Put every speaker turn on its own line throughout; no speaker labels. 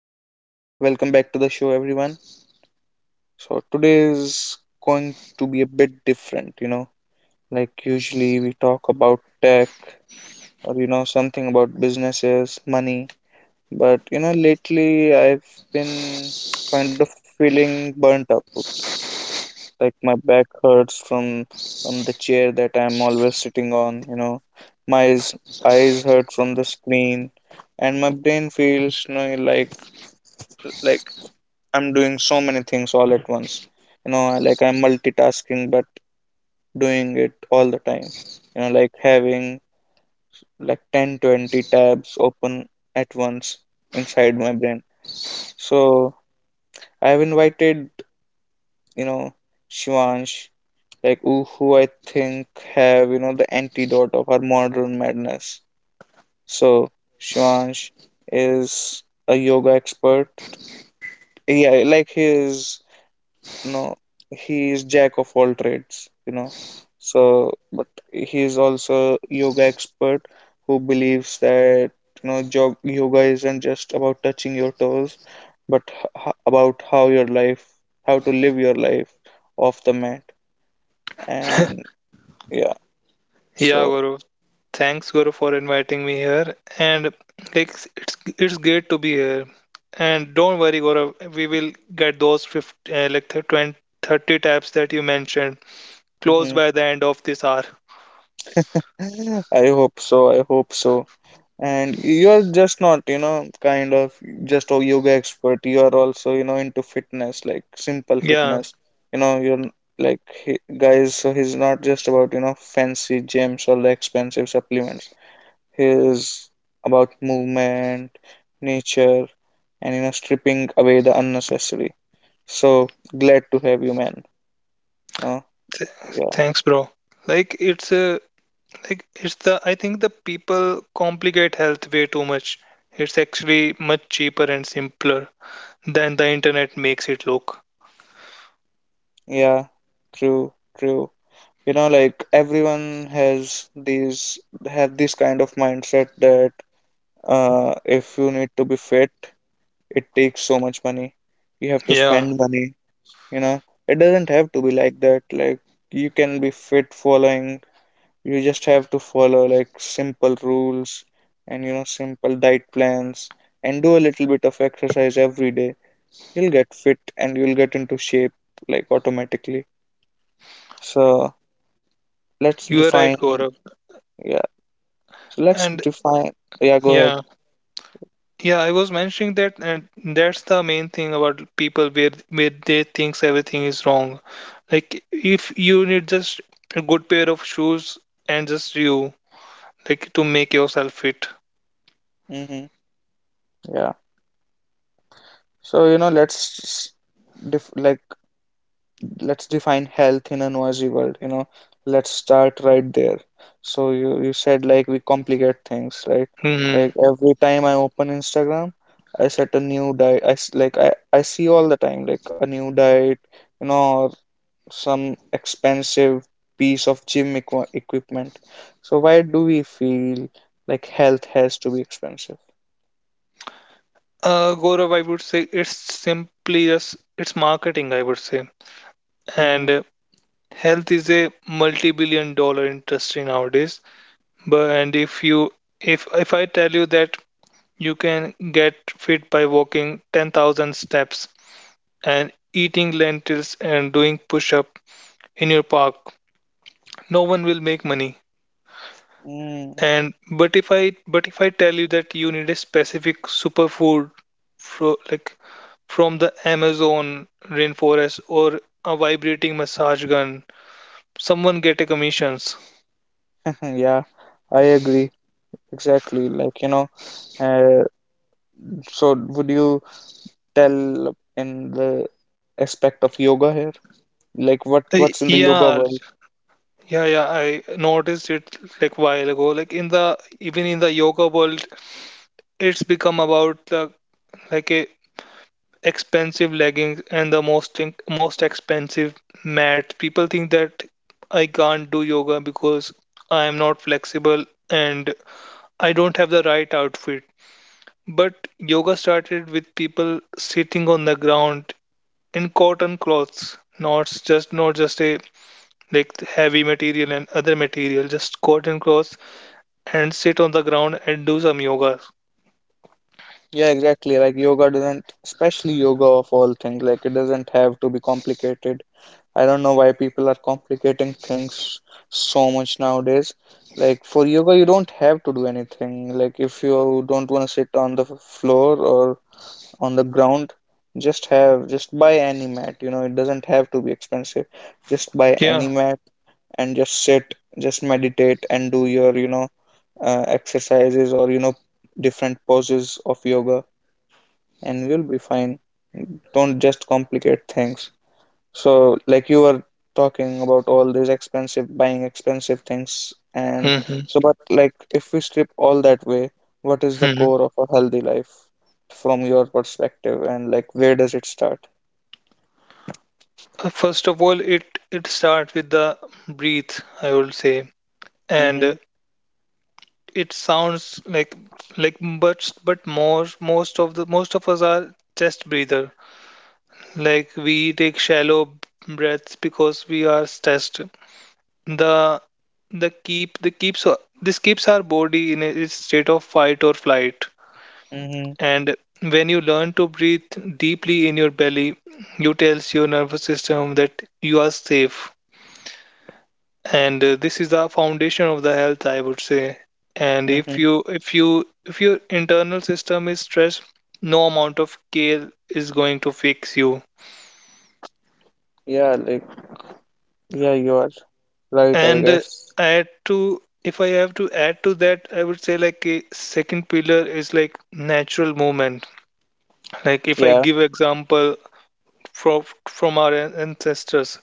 so welcome back to the show, everyone. So, today is going to be a bit different. Like, usually we talk about tech or, something about businesses, money. But lately I've been kind of feeling burnt out. Like, my back hurts from the chair that I'm always sitting on. My eyes hurt from the screen. And my brain feels like I'm doing so many things all at once. Like I'm multitasking but doing it all the time. Like having like 10 20 tabs open at once inside my brain. So I've invited, you know, Shivansh, like who I think have the antidote of our modern madness. So Shivansh is a yoga expert. Yeah, like he is. No, he is jack of all trades, so but he is also yoga expert who believes that yoga isn't just about touching your toes, but about how your life how to live your life off the mat. And yeah,
Yeah,
so
Guru. Thanks, Guru, for inviting me here. And it's great to be here. And don't worry, Guru. We will get those 50, 20, 30 tabs that you mentioned closed
mhm.
by the end of this hour.
I hope so, I hope so. And you're just not kind of just a yoga expert, you are also into fitness, like simple
Yeah.
fitness. You're like, he, guys, so he's not just about fancy gyms or the expensive supplements. He is about movement, nature, and stripping away the unnecessary. So glad to have you, man. No.
Th-
Yeah.
thanks, bro. Like it's a like it's the I think the people complicate health way too much. It's actually much cheaper and simpler than the internet makes it look.
Yeah, true, true. You know, like everyone has these have this kind of mindset that if you need to be fit it takes so much money, you have to
Yeah,
spend money you know it doesn't have to be like that. Like you can be fit following You just have to follow like simple rules, and simple diet plans, and do a little bit of exercise every day. You'll get fit and you'll get into shape, like automatically. So let's
you are right,
define
Gaurav.
Yeah. So let's
And
define. Yeah, go
yeah.
ahead.
Yeah, I was mentioning that, and that's the main thing about people where they thinks everything is wrong. Like if you need just a good pair of shoes and just you, like to make yourself fit.
Mm-hmm. Yeah. So, let's def like let's define health in a noisy world. Let's start right there. So you said like we complicate things, right? Like
Hmm
every time I open Instagram, I set a new diet. I see all the time like a new diet, or some expensive piece of gym equipment. So why do we feel like health has to be expensive?
Gaurav, I would say it's simply just it's marketing, I would say.
Mm-hmm.
And Health is a multi-billion dollar industry nowadays. But and if I tell you that you can get fit by walking 10,000 steps and eating lentils and doing push up in your park, no one will make money.
Mm,
And but if i but if I tell you that you need a specific superfood fro, like from the amazon rainforest or a vibrating massage gun, someone get a commissions.
yeah, I agree. Exactly. Like, you know, uh, so would you tell in the aspect of yoga here? Like what
Uh,
what's in the yoga
yeah.
world?
Yeah, I noticed it like while ago, like in the even in the yoga world, it's become about the like a expensive leggings and the most expensive mat. People think that I can't do yoga because I am not flexible and I don't have the right outfit. But yoga started with people sitting on the ground in cotton cloths, not just a like heavy material and other material, just cotton cloths, and sit on the ground and do some yoga.
Yeah, exactly. Like yoga doesn't, especially yoga of all things, like it doesn't have to be complicated. I don't know why people are complicating things so much nowadays. Like for yoga, you don't have to do anything. Like if you don't want to sit on the floor or on the ground, just buy any mat. It doesn't have to be expensive. Just buy
Yeah.
any mat and just sit, just meditate, and do your exercises, or different poses of yoga, and you'll be fine. Don't just complicate things. So, like, you were talking about all these expensive buying expensive things, and so, but like if we strip all that way, what is the
hmm
core of a healthy life from your perspective, and like where does it start?
First of all, it starts with the breathe, I would say, and
Mm-hmm.
it sounds like like but more most of us are chest breather. Like we take shallow breaths because we are stressed. The the keep the keeps this keeps our body in a its state of fight or flight.
Mm-hmm.
And when you learn to breathe deeply in your belly, you tells your nervous system that you are safe, and this is the foundation of the health, I would say. And
Mm-hmm.
if your internal system is stressed, no amount of care is going to fix you.
Yeah, like, yeah, you are right, I
And
guess.
add to if I have to add to that, I would say like a second pillar is like natural movement. Like if I
Yeah,
give example from our ancestors,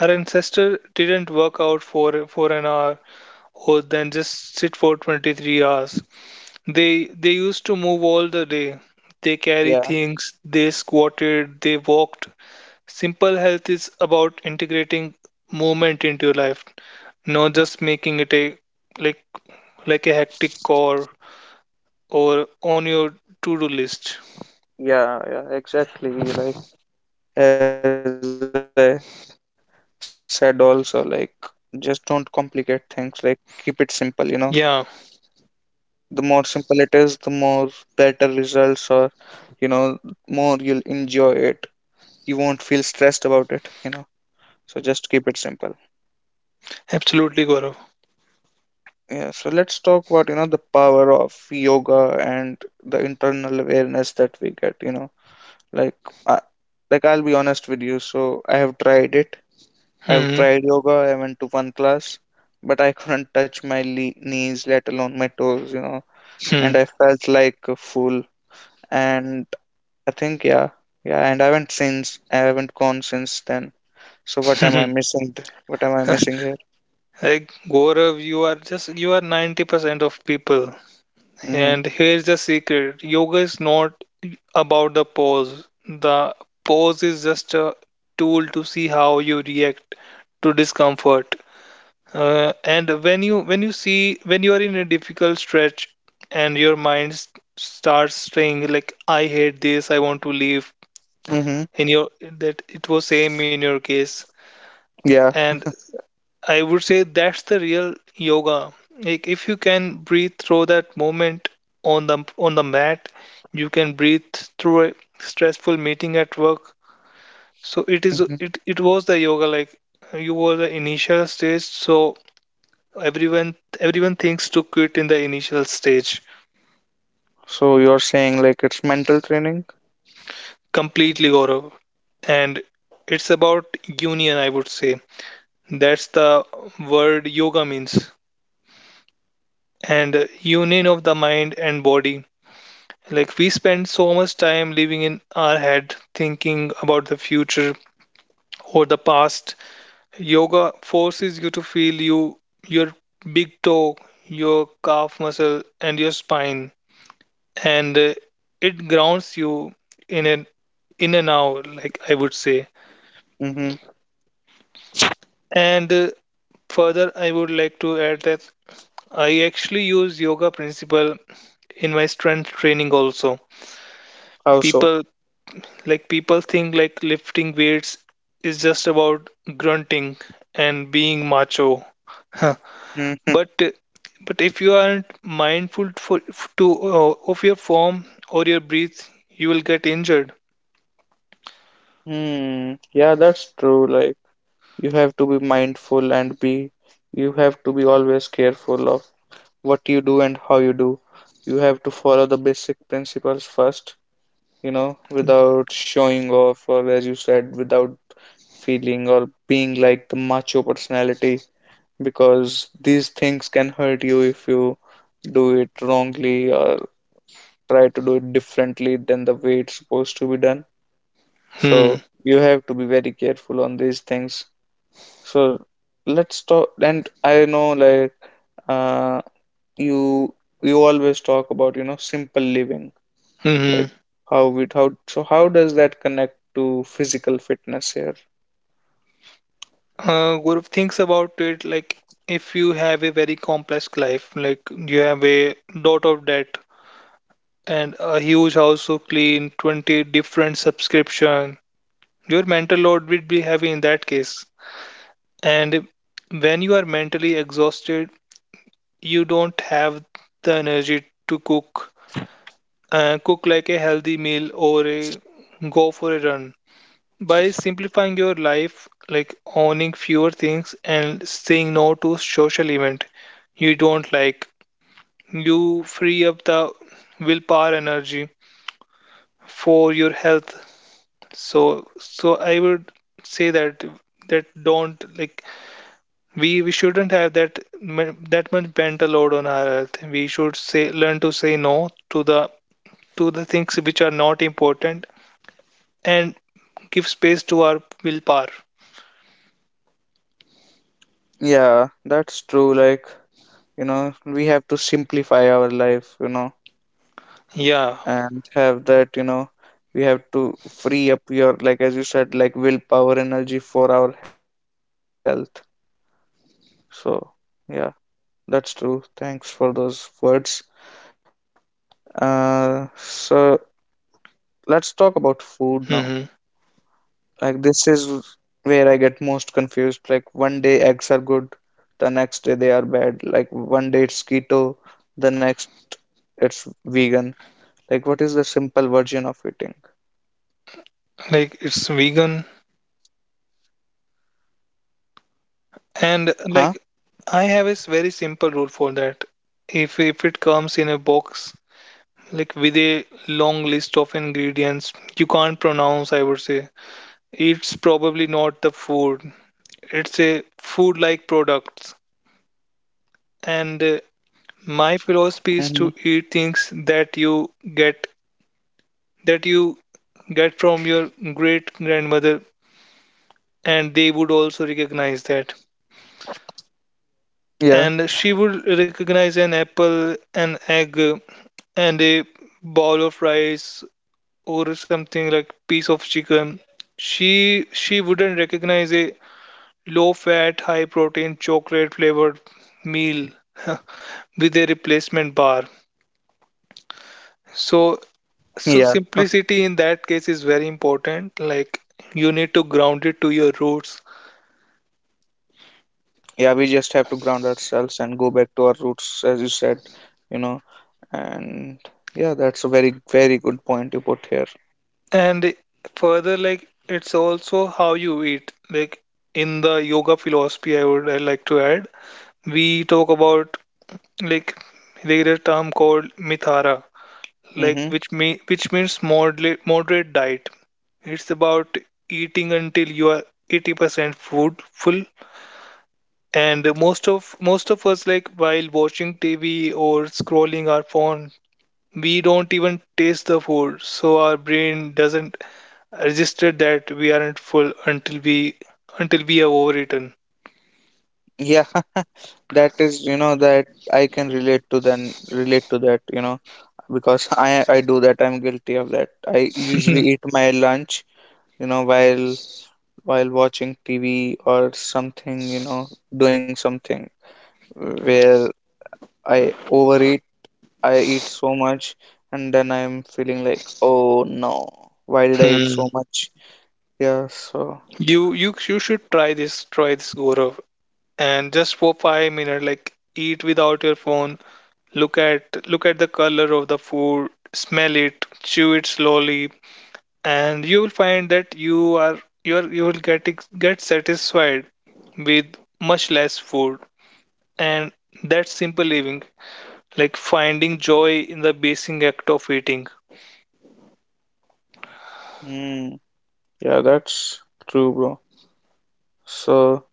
our ancestor didn't work out for an hour or then just sit for 23 hours. They used to move all the day. They carry
yeah,
things, they squatted, they walked. Simple health is about integrating movement into your life, not just making it a like like a hectic chore or on your to-do list.
yeah, yeah, exactly. Like as I said also, like just don't complicate things, like keep it simple.
Yeah,
The more simple it is, the more better results, or you know, more you'll enjoy it. You won't feel stressed about it. So just keep it simple.
absolutely, Gaurav.
Yeah, so let's talk about, the power of yoga and the internal awareness that we get. Like I, like I'll be honest with you, so I have tried it. I've
Hmm.
tried yoga, I went to one class, but I couldn't touch my le knees, let alone my toes, and I felt like a fool. And I think. Yeah, yeah. And I haven't gone since then. So what am
Hmm.
I missing? What am I missing here?
Like Gaurav, you are just you are 90% of people.
Mm-hmm.
And here's the secret, yoga is not about the pose. The pose is just a tool to see how you react to discomfort. And when you are in a difficult stretch and your mind starts saying like I hate this, I want to leave,
Mm-hmm.
in your that it was same in your case.
Yeah.
And I would say that's the real yoga. Like if you can breathe through that moment on the mat, you can breathe through a stressful meeting at work. So it is
hmm
it was the yoga like you were the initial stage. So everyone thinks to quit in the initial stage.
So you're saying like it's mental training?
Completely, Gaurav. And it's about union, I would say. That's the word yoga means. And union of the mind and body. Like we spend so much time living in our head, thinking about the future or the past. Yoga forces you to feel your big toe, your calf muscle, and your spine, and it grounds you in an in and out, like I would say.
Mm-hmm.
And further, I would like to add that I actually use yoga principle in my strength training also.
How so?
People Like people think like lifting weights is just about grunting and being macho. Huh.
Mm-hmm.
But but if you aren't mindful for to of your form or your breath, you will get injured.
Hmm. Yeah, that's true. Like you have to be mindful and be, you have to be always careful of what you do and how you do. You have to follow the basic principles first, you know, without showing off or as you said, without feeling or being like the macho personality because these things can hurt you if you do it wrongly or try to do it differently than the way it's supposed to be done.
Hmm.
So you have to be very careful on these things. So let's talk. And I know like uh, you you always talk about simple living,
hmm
like
hmm.
how we how so how does that connect to physical fitness here?
Gaurav thinks about it like if you have a very complex life, like you have a lot of debt and a huge house to clean, 20 different subscription, your mental load will be heavy in that case. And when you are mentally exhausted, you don't have the energy to cook, cook like a healthy meal or a, go for a run. By simplifying your life, like owning fewer things and saying no to social event you don't like, you free up the willpower energy for your health. So I would say that don't like we shouldn't have that that much mental load on our health. We should say learn to say no to the to the things which are not important, and give space to our willpower.
Yeah, that's true. Like we have to simplify our life
Yeah,
and have that we have to free up your, like as you said, like willpower energy for our health. So yeah, that's true. Thanks for those words. So let's talk about food now.
hmm
Like this is where I get most confused. Like one day eggs are good, the next day they are bad. Like one day it's keto, the next it's vegan. Like what is the simple version of eating?
like it's vegan and
Huh?
like I have a very simple rule for that. If it comes in a box like with a long list of ingredients you can't pronounce, I would say it's probably not the food. It's a food-like products. And my
Hmm.
philosophy is to eat things that you get that you from your great grandmother, and they would also recognize that.
Yeah,
And she would recognize an apple, an egg, and a bowl of rice or something like piece of chicken. She wouldn't recognize a low fat, high protein chocolate flavored meal with a replacement bar. So
yeah,
So simplicity in that case is very important. Like you need to ground it to your roots.
yeah. We just have to ground ourselves and go back to our roots, as you said, you know. And yeah, that's a very, very good point you put here.
And further, like it's also how you eat. Like in the yoga philosophy, I would I like to add, we talk about like there is a term called mithara, like
Mm-hmm.
which means moderate diet. It's about eating until you are 80% food full. And most of us, like while watching TV or scrolling our phone, we don't even taste the food, so our brain doesn't register that we aren't full until we have overeaten.
Yeah, that is, you know, that I can relate to then relate to that, because I do that. I'm guilty of that. I usually eat my lunch, you know, while while watching TV or something, doing something where I overeat I eat so much and then I'm feeling like, oh no, why did I eat
Hmm.
so much? Yeah, so,
You should try this, Gaurav, and just for 5 minutes like eat without your phone, look at the color of the food, smell it, chew it slowly, and you will find that you will get satisfied with much less food, and that's simple living, like finding joy in the basic act of eating.
mm, yeah, that's true, bro. So,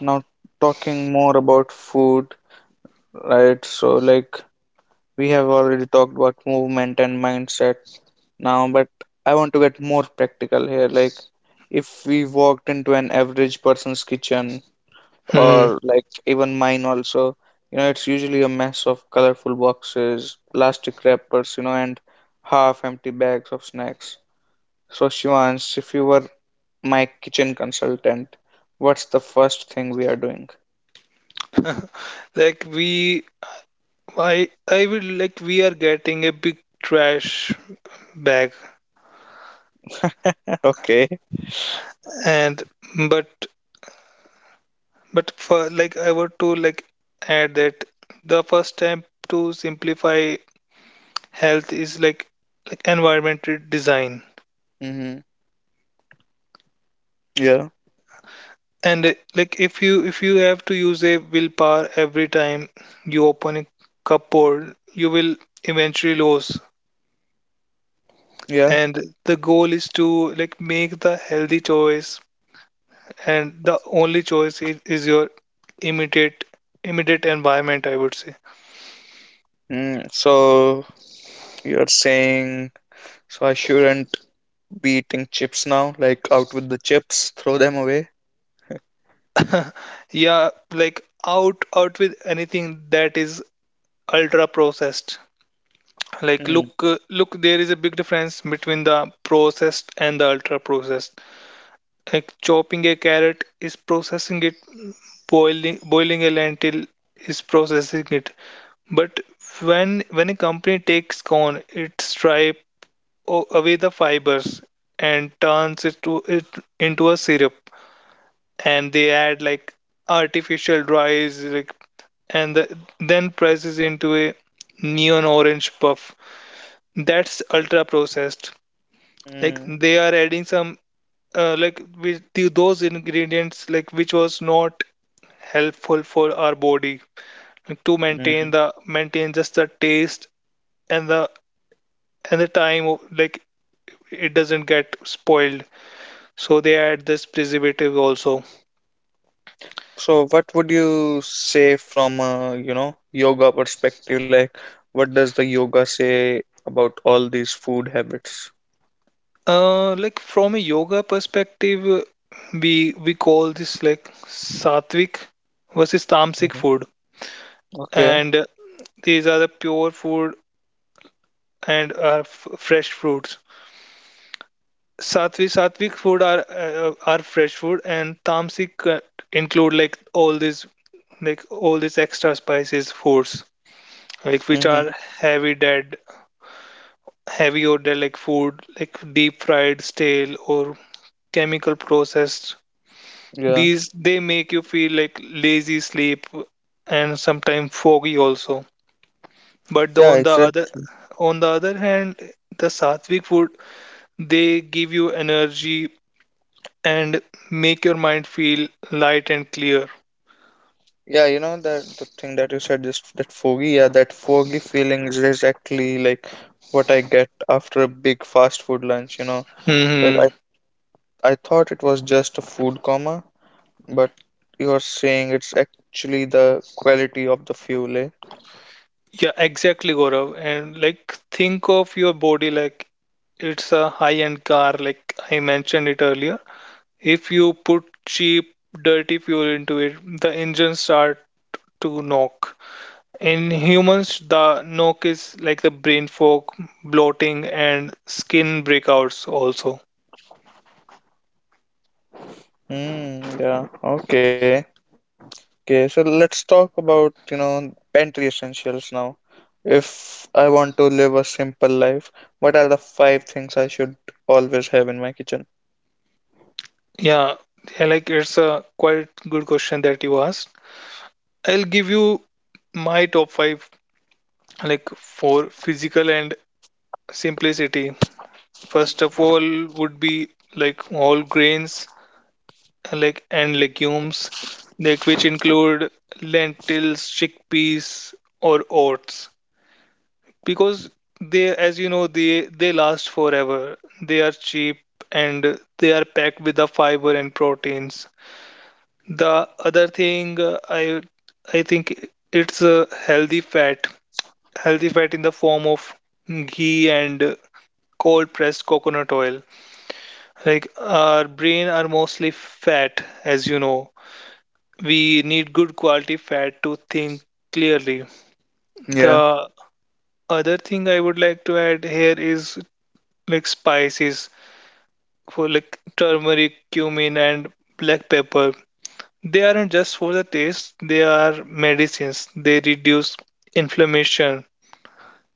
now, talking more about food, right? So, like, we have already talked about movement and mindset now, but I want to get more practical here. Like, if we walked into an average person's kitchen,
Hmm.
or like even mine also, it's usually a mess of colorful boxes, plastic wrappers, and half empty bags of snacks. So Shivans, if you were my kitchen consultant, what's the first thing we are doing?
Like we I I will, like we are getting a big trash bag.
Okay.
And but but for like I want to like add that the first step to simplify health is like environmental design.
Mm-hmm. Yeah,
And like if you have to use a willpower every time you open a cupboard, you will eventually lose.
yeah.
And the goal is to like make the healthy choice, and the only choice is your immediate immediate environment, I would say.
Mm. So you're saying, so I shouldn't be eating chips now, like, out with the chips, throw them away.
Yeah, like out with anything that is ultra processed. Like
Mm.
look, look, there is a big difference between the processed and the ultra processed. Like chopping a carrot is processing it, boiling a lentil is processing it. But when a company takes corn, it strips away the fibers and turns it into a syrup, and they add like artificial dyes, like, and then presses into a neon orange puff. That's ultra processed. Like
Mm.
they are adding some like with the, those ingredients like which was not helpful for our body to maintain
Mm.
the maintain just the taste, and the time of, like it doesn't get spoiled, so they add this preservative also.
So what would you say from a, yoga perspective? Like, what does the yoga say about all these food habits?
Like from a yoga perspective, we call this like sattvic versus tamasic
Mhm.
food.
Okay.
And these are the pure food and are fresh fruits. Sattvic food are fresh food, and tamasic include like all these extra spices foods like which
Mm-hmm.
are heavy dead heavy or dead like food, like deep fried, stale or chemical processed.
Yeah.
These they make you feel like lazy sleep and sometimes foggy also. But the,
Yeah, exactly.
on the other hand, the sattvic food they give you energy and make your mind feel light and clear.
Yeah, you know that the thing that you said, this that foggy, yeah, that foggy feeling is exactly like what I get after a big fast food lunch. Like
Hmm
I thought it was just a food coma, but you're saying it's actually the quality of the fuel, eh?
Yeah, exactly, Gaurav. And like, think of your body like it's a high-end car, like I mentioned it earlier. If you put cheap, dirty fuel into it, the engine start to knock. In humans, the knock is like the brain fog, bloating, and skin breakouts also.
Mm, yeah, okay. Okay, so let's talk about, pantry essentials now. If I want to live a simple life, what are the five things I should always have in my kitchen?
Yeah, yeah, like it's a quite good question that you asked. I'll give you my top five, like for physical and simplicity. First of all, would be like all grains, like and legumes, like which include lentils, chickpeas, or oats, because they, as you know, they last forever. They are cheap and they are packed with the fiber and proteins. The other thing I think it's a healthy fat in the form of ghee and cold pressed coconut oil. Like our brain are mostly fat, as you know. We need good quality fat to think clearly.
Yeah,
The other thing I would like to add here is like spices for like turmeric, cumin, and black pepper. They aren't just for the taste, they are medicines. They reduce inflammation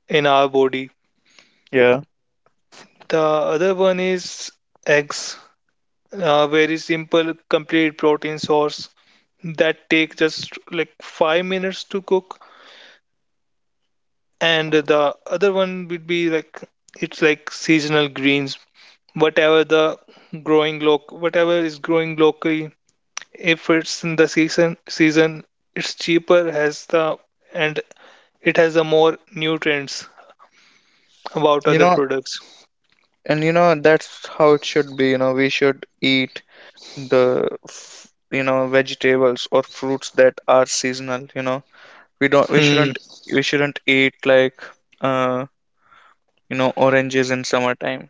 in our body.
yeah.
The other one is eggs. A very simple complete protein source that take just like 5 minutes to cook, and the other one would be like it's like seasonal greens, whatever the growing loc whatever is growing locally. If it's in the season it's cheaper, has the and it has a more nutrients about
You
other
know,
products.
and that's how it should be. We should eat the, vegetables or fruits that are seasonal, you know. We don't, we
Hmm.
shouldn't, we shouldn't eat like, uh, oranges in summertime.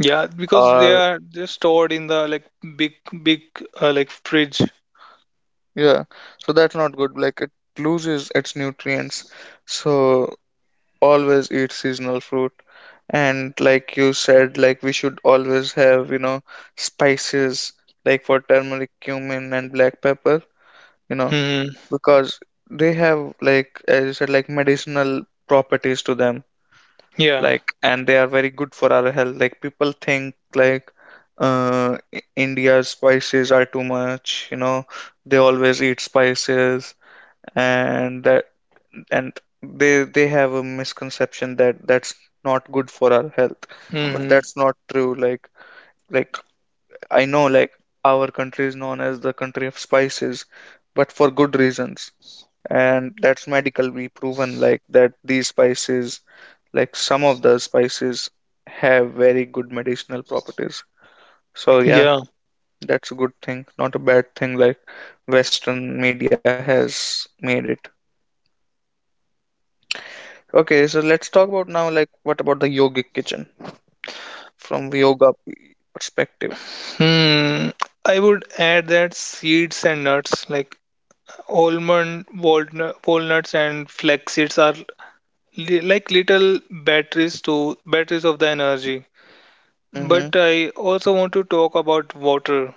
Yeah, because they
Or.
are just stored in the like big big like fridge.
Yeah, so that's not good. Like it loses its nutrients. So always eat seasonal fruit. And like you said, like we should always have, spices like for turmeric, cumin, and black pepper, you know,
Hmm.
because they have, like as you said, like medicinal properties to them.
yeah
Like, and they are very good for our health. Like people think like India's spices are too much, they always eat spices and that, and they have a misconception that that's not good for our health, but
hmm
that's not true. Like I know, like our country is known as the country of spices but for good reasons, and that's medically proven, like that these spices, like some of the spices have very good medicinal properties, so yeah.
Yeah.
That's a good thing, not a bad thing, like western media has made it. Okay, so let's talk about now, like, what about the yogic kitchen from yoga perspective?
Hmm. I would add that seeds and nuts like almond, walnut, walnuts, and flax seeds are li like little batteries to batteries of the energy. But
Mm-hmm.
I also want to talk about water.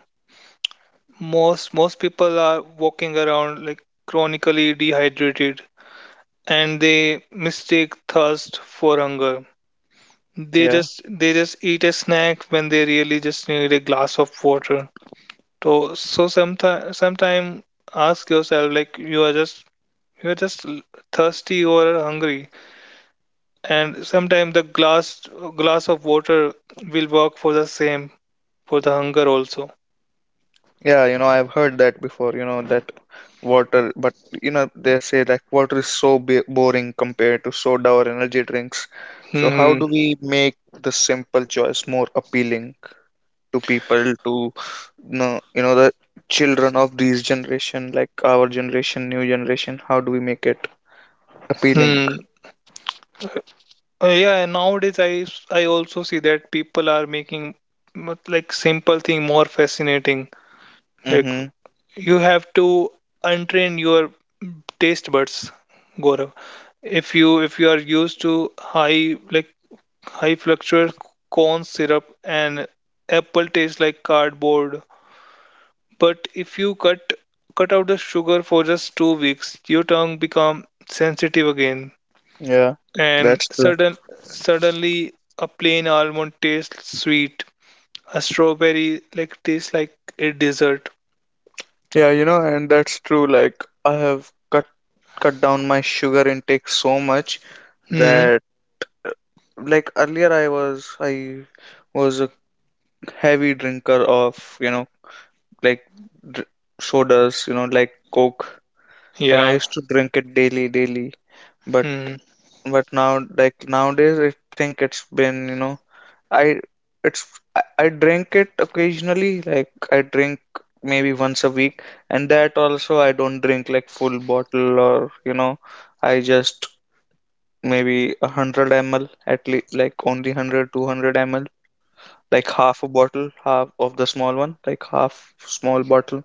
Most people are walking around like chronically dehydrated, and they mistake thirst for hunger. They
Yeah.
just they just eat a snack when they really just need a glass of water. So, sometime ask yourself like you are just l- thirsty or hungry, and sometimes the glass of water will work for the same for the hunger also.
Yeah, I've heard that before, that water, but they say that water is so b boring compared to soda or energy drinks. So how
Hmm.
do we make the simple choice more appealing to people, to the children of these generation, like our generation, new generation, how do we make it appealing?
Hmm. Yeah, and nowadays I also see that people are making like simple thing more fascinating. Like
Mm-hmm.
you have to untrain your taste buds, Gaurav. If you are used to high like high fructose corn syrup and apple tastes like cardboard. But if you cut out the sugar for just 2 weeks, your tongue become sensitive again,
Yeah,
and
that's true.
suddenly a plain almond tastes sweet. A strawberry like tastes like a dessert.
Yeah, and that's true. Like I have cut down my sugar intake so much
Hmm.
that like earlier I was a heavy drinker of, you know, like dr sodas, like Coke. Like I
Yeah.
used to drink it daily, daily. But
Hmm.
but now like nowadays I think it's been, I it's I drink it occasionally, like I drink maybe once a week, and that also I don't drink like full bottle, or I just maybe 100 ml at least, like only 100 200 ml, like half a bottle, half of the small one, like half small bottle.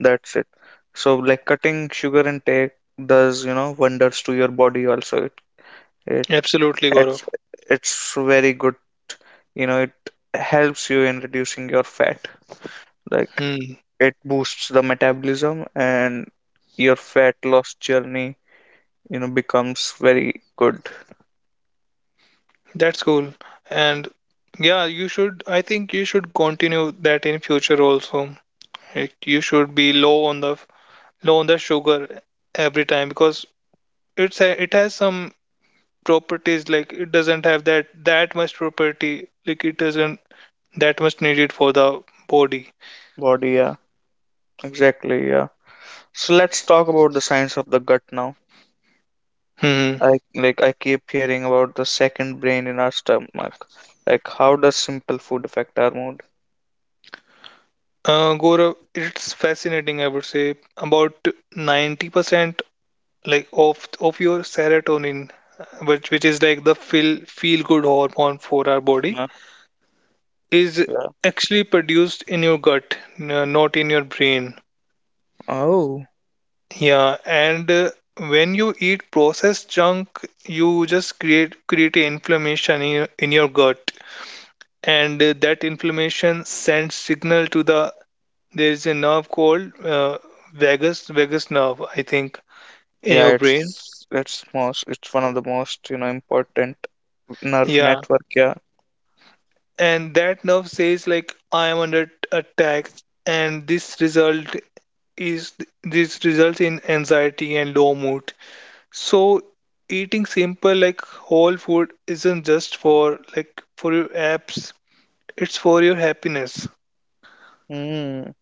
That's it. So like cutting sugar intake does wonders to your body also. It
Absolutely,
it's
Gaurav.
it's very good. It helps you in reducing your fat. Like
Hmm.
it boosts the metabolism and your fat loss journey becomes very good.
That's cool. And yeah, you should. I think you should continue that in future also. It you should be low on the sugar every time because it's a, it has some properties like it doesn't have that much property like it doesn't that much needed for the body.
Body, yeah. Exactly, yeah. So let's talk about the science of the gut now.
Hmm.
I like I keep hearing about the second brain in our stomach. Like how does simple food affect our mood?
Gaurav, it's fascinating. I would say about 90% like of your serotonin, which is like the feel good hormone for our body,
Mhm.
is
Yeah.
actually produced in your gut, not in your brain.
Oh.
Yeah, and when you eat processed junk, you just create a inflammation in in your gut, and that inflammation sends signal to the there is a nerve called vagus nerve, I think, in
Yeah,
your brain.
it's one of the most, you know, important. Nerve
Yeah,
network, yeah.
and that nerve says like I am under attack, and is this results in anxiety and low mood. So eating simple like whole food isn't just for like for your apps, it's for your happiness.
Mm,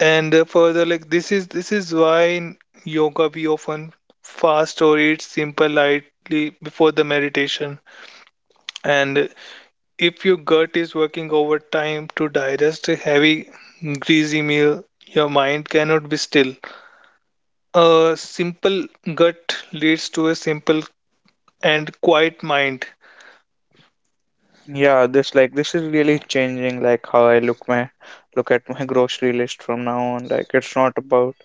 And further like this is why in yoga we often fast or eat simple lightly before the meditation. And if your gut is working overtime to digest a heavy greasy meal, your mind cannot be still. A simple gut leads to a simple and quiet mind.
yeah, this is really changing like how I look my look at my grocery list from now on. Like it's not about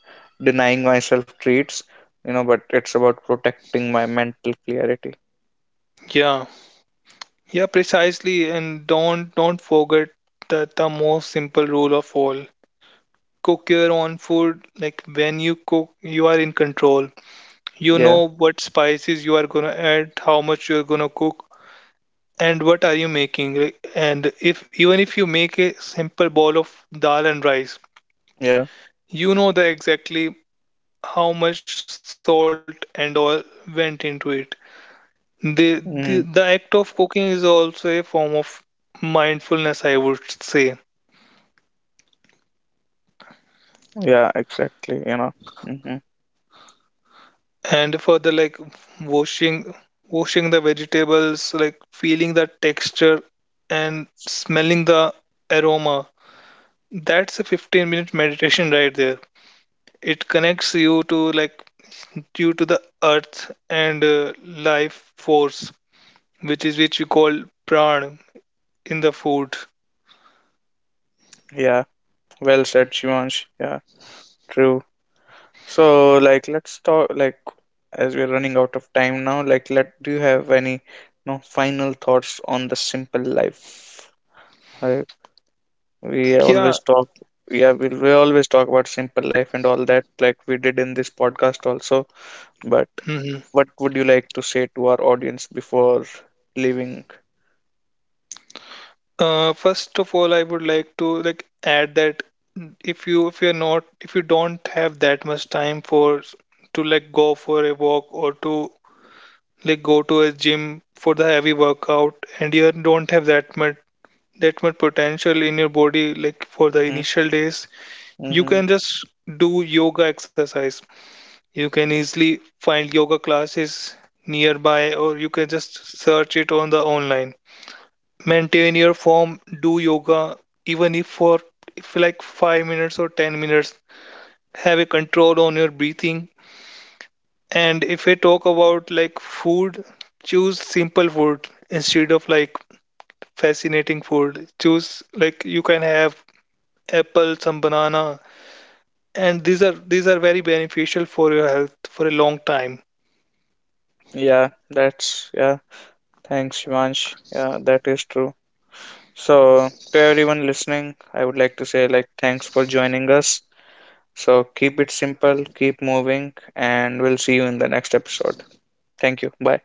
denying myself treats, but it's about protecting my mental clarity.
Yeah, Yeah, precisely. And don't forget that the most simple rule of all. Cook your own food. Like when you cook, you are in control. You
Yeah,
know what spices you are gonna add, how much you're gonna cook, and what are you making. And if even if you make a simple bowl of dal and rice,
yeah.
you know the exactly how much salt and oil went into it. The, the act
Mm,
of cooking is also a form of mindfulness, I would say.
yeah, exactly. Hmm.
And further, like washing washing the vegetables, like feeling the texture and smelling the aroma. That's a 15-minute meditation right there. It connects you to the earth and life force, which is which we call pran in the food.
Yeah. Well said, Shivansh. Yeah, true. So like let's talk like as we're running out of time now, like let do you have any, no, final thoughts on the simple life? I we
Yeah.
always talk. Yeah. We always talk about simple life and all that, like we did in this podcast also, but
Mhm.
what would you like to say to our audience before leaving?
First of all, I would like to like add that if you if you're not if you don't have that much time for to like go for a walk or to like go to a gym for the heavy workout, and you don't have that much potential in your body like for the
Mm-hmm,
initial days, you
mm-hmm.
can just do yoga exercise. You can easily find yoga classes nearby, or you can just search it on the online, maintain your form, do yoga, even if for if like 5 minutes or 10 minutes, have a control on your breathing. And if I talk about like food, choose simple food instead of like fascinating food. Choose like you can have apple, some banana, and these are very beneficial for your health for a long time.
Yeah, thanks Shivansh, yeah, that is true. So to everyone listening, I would like to say, like, thanks for joining us. So keep it simple, keep moving, and we'll see you in the next episode. Thank you, bye.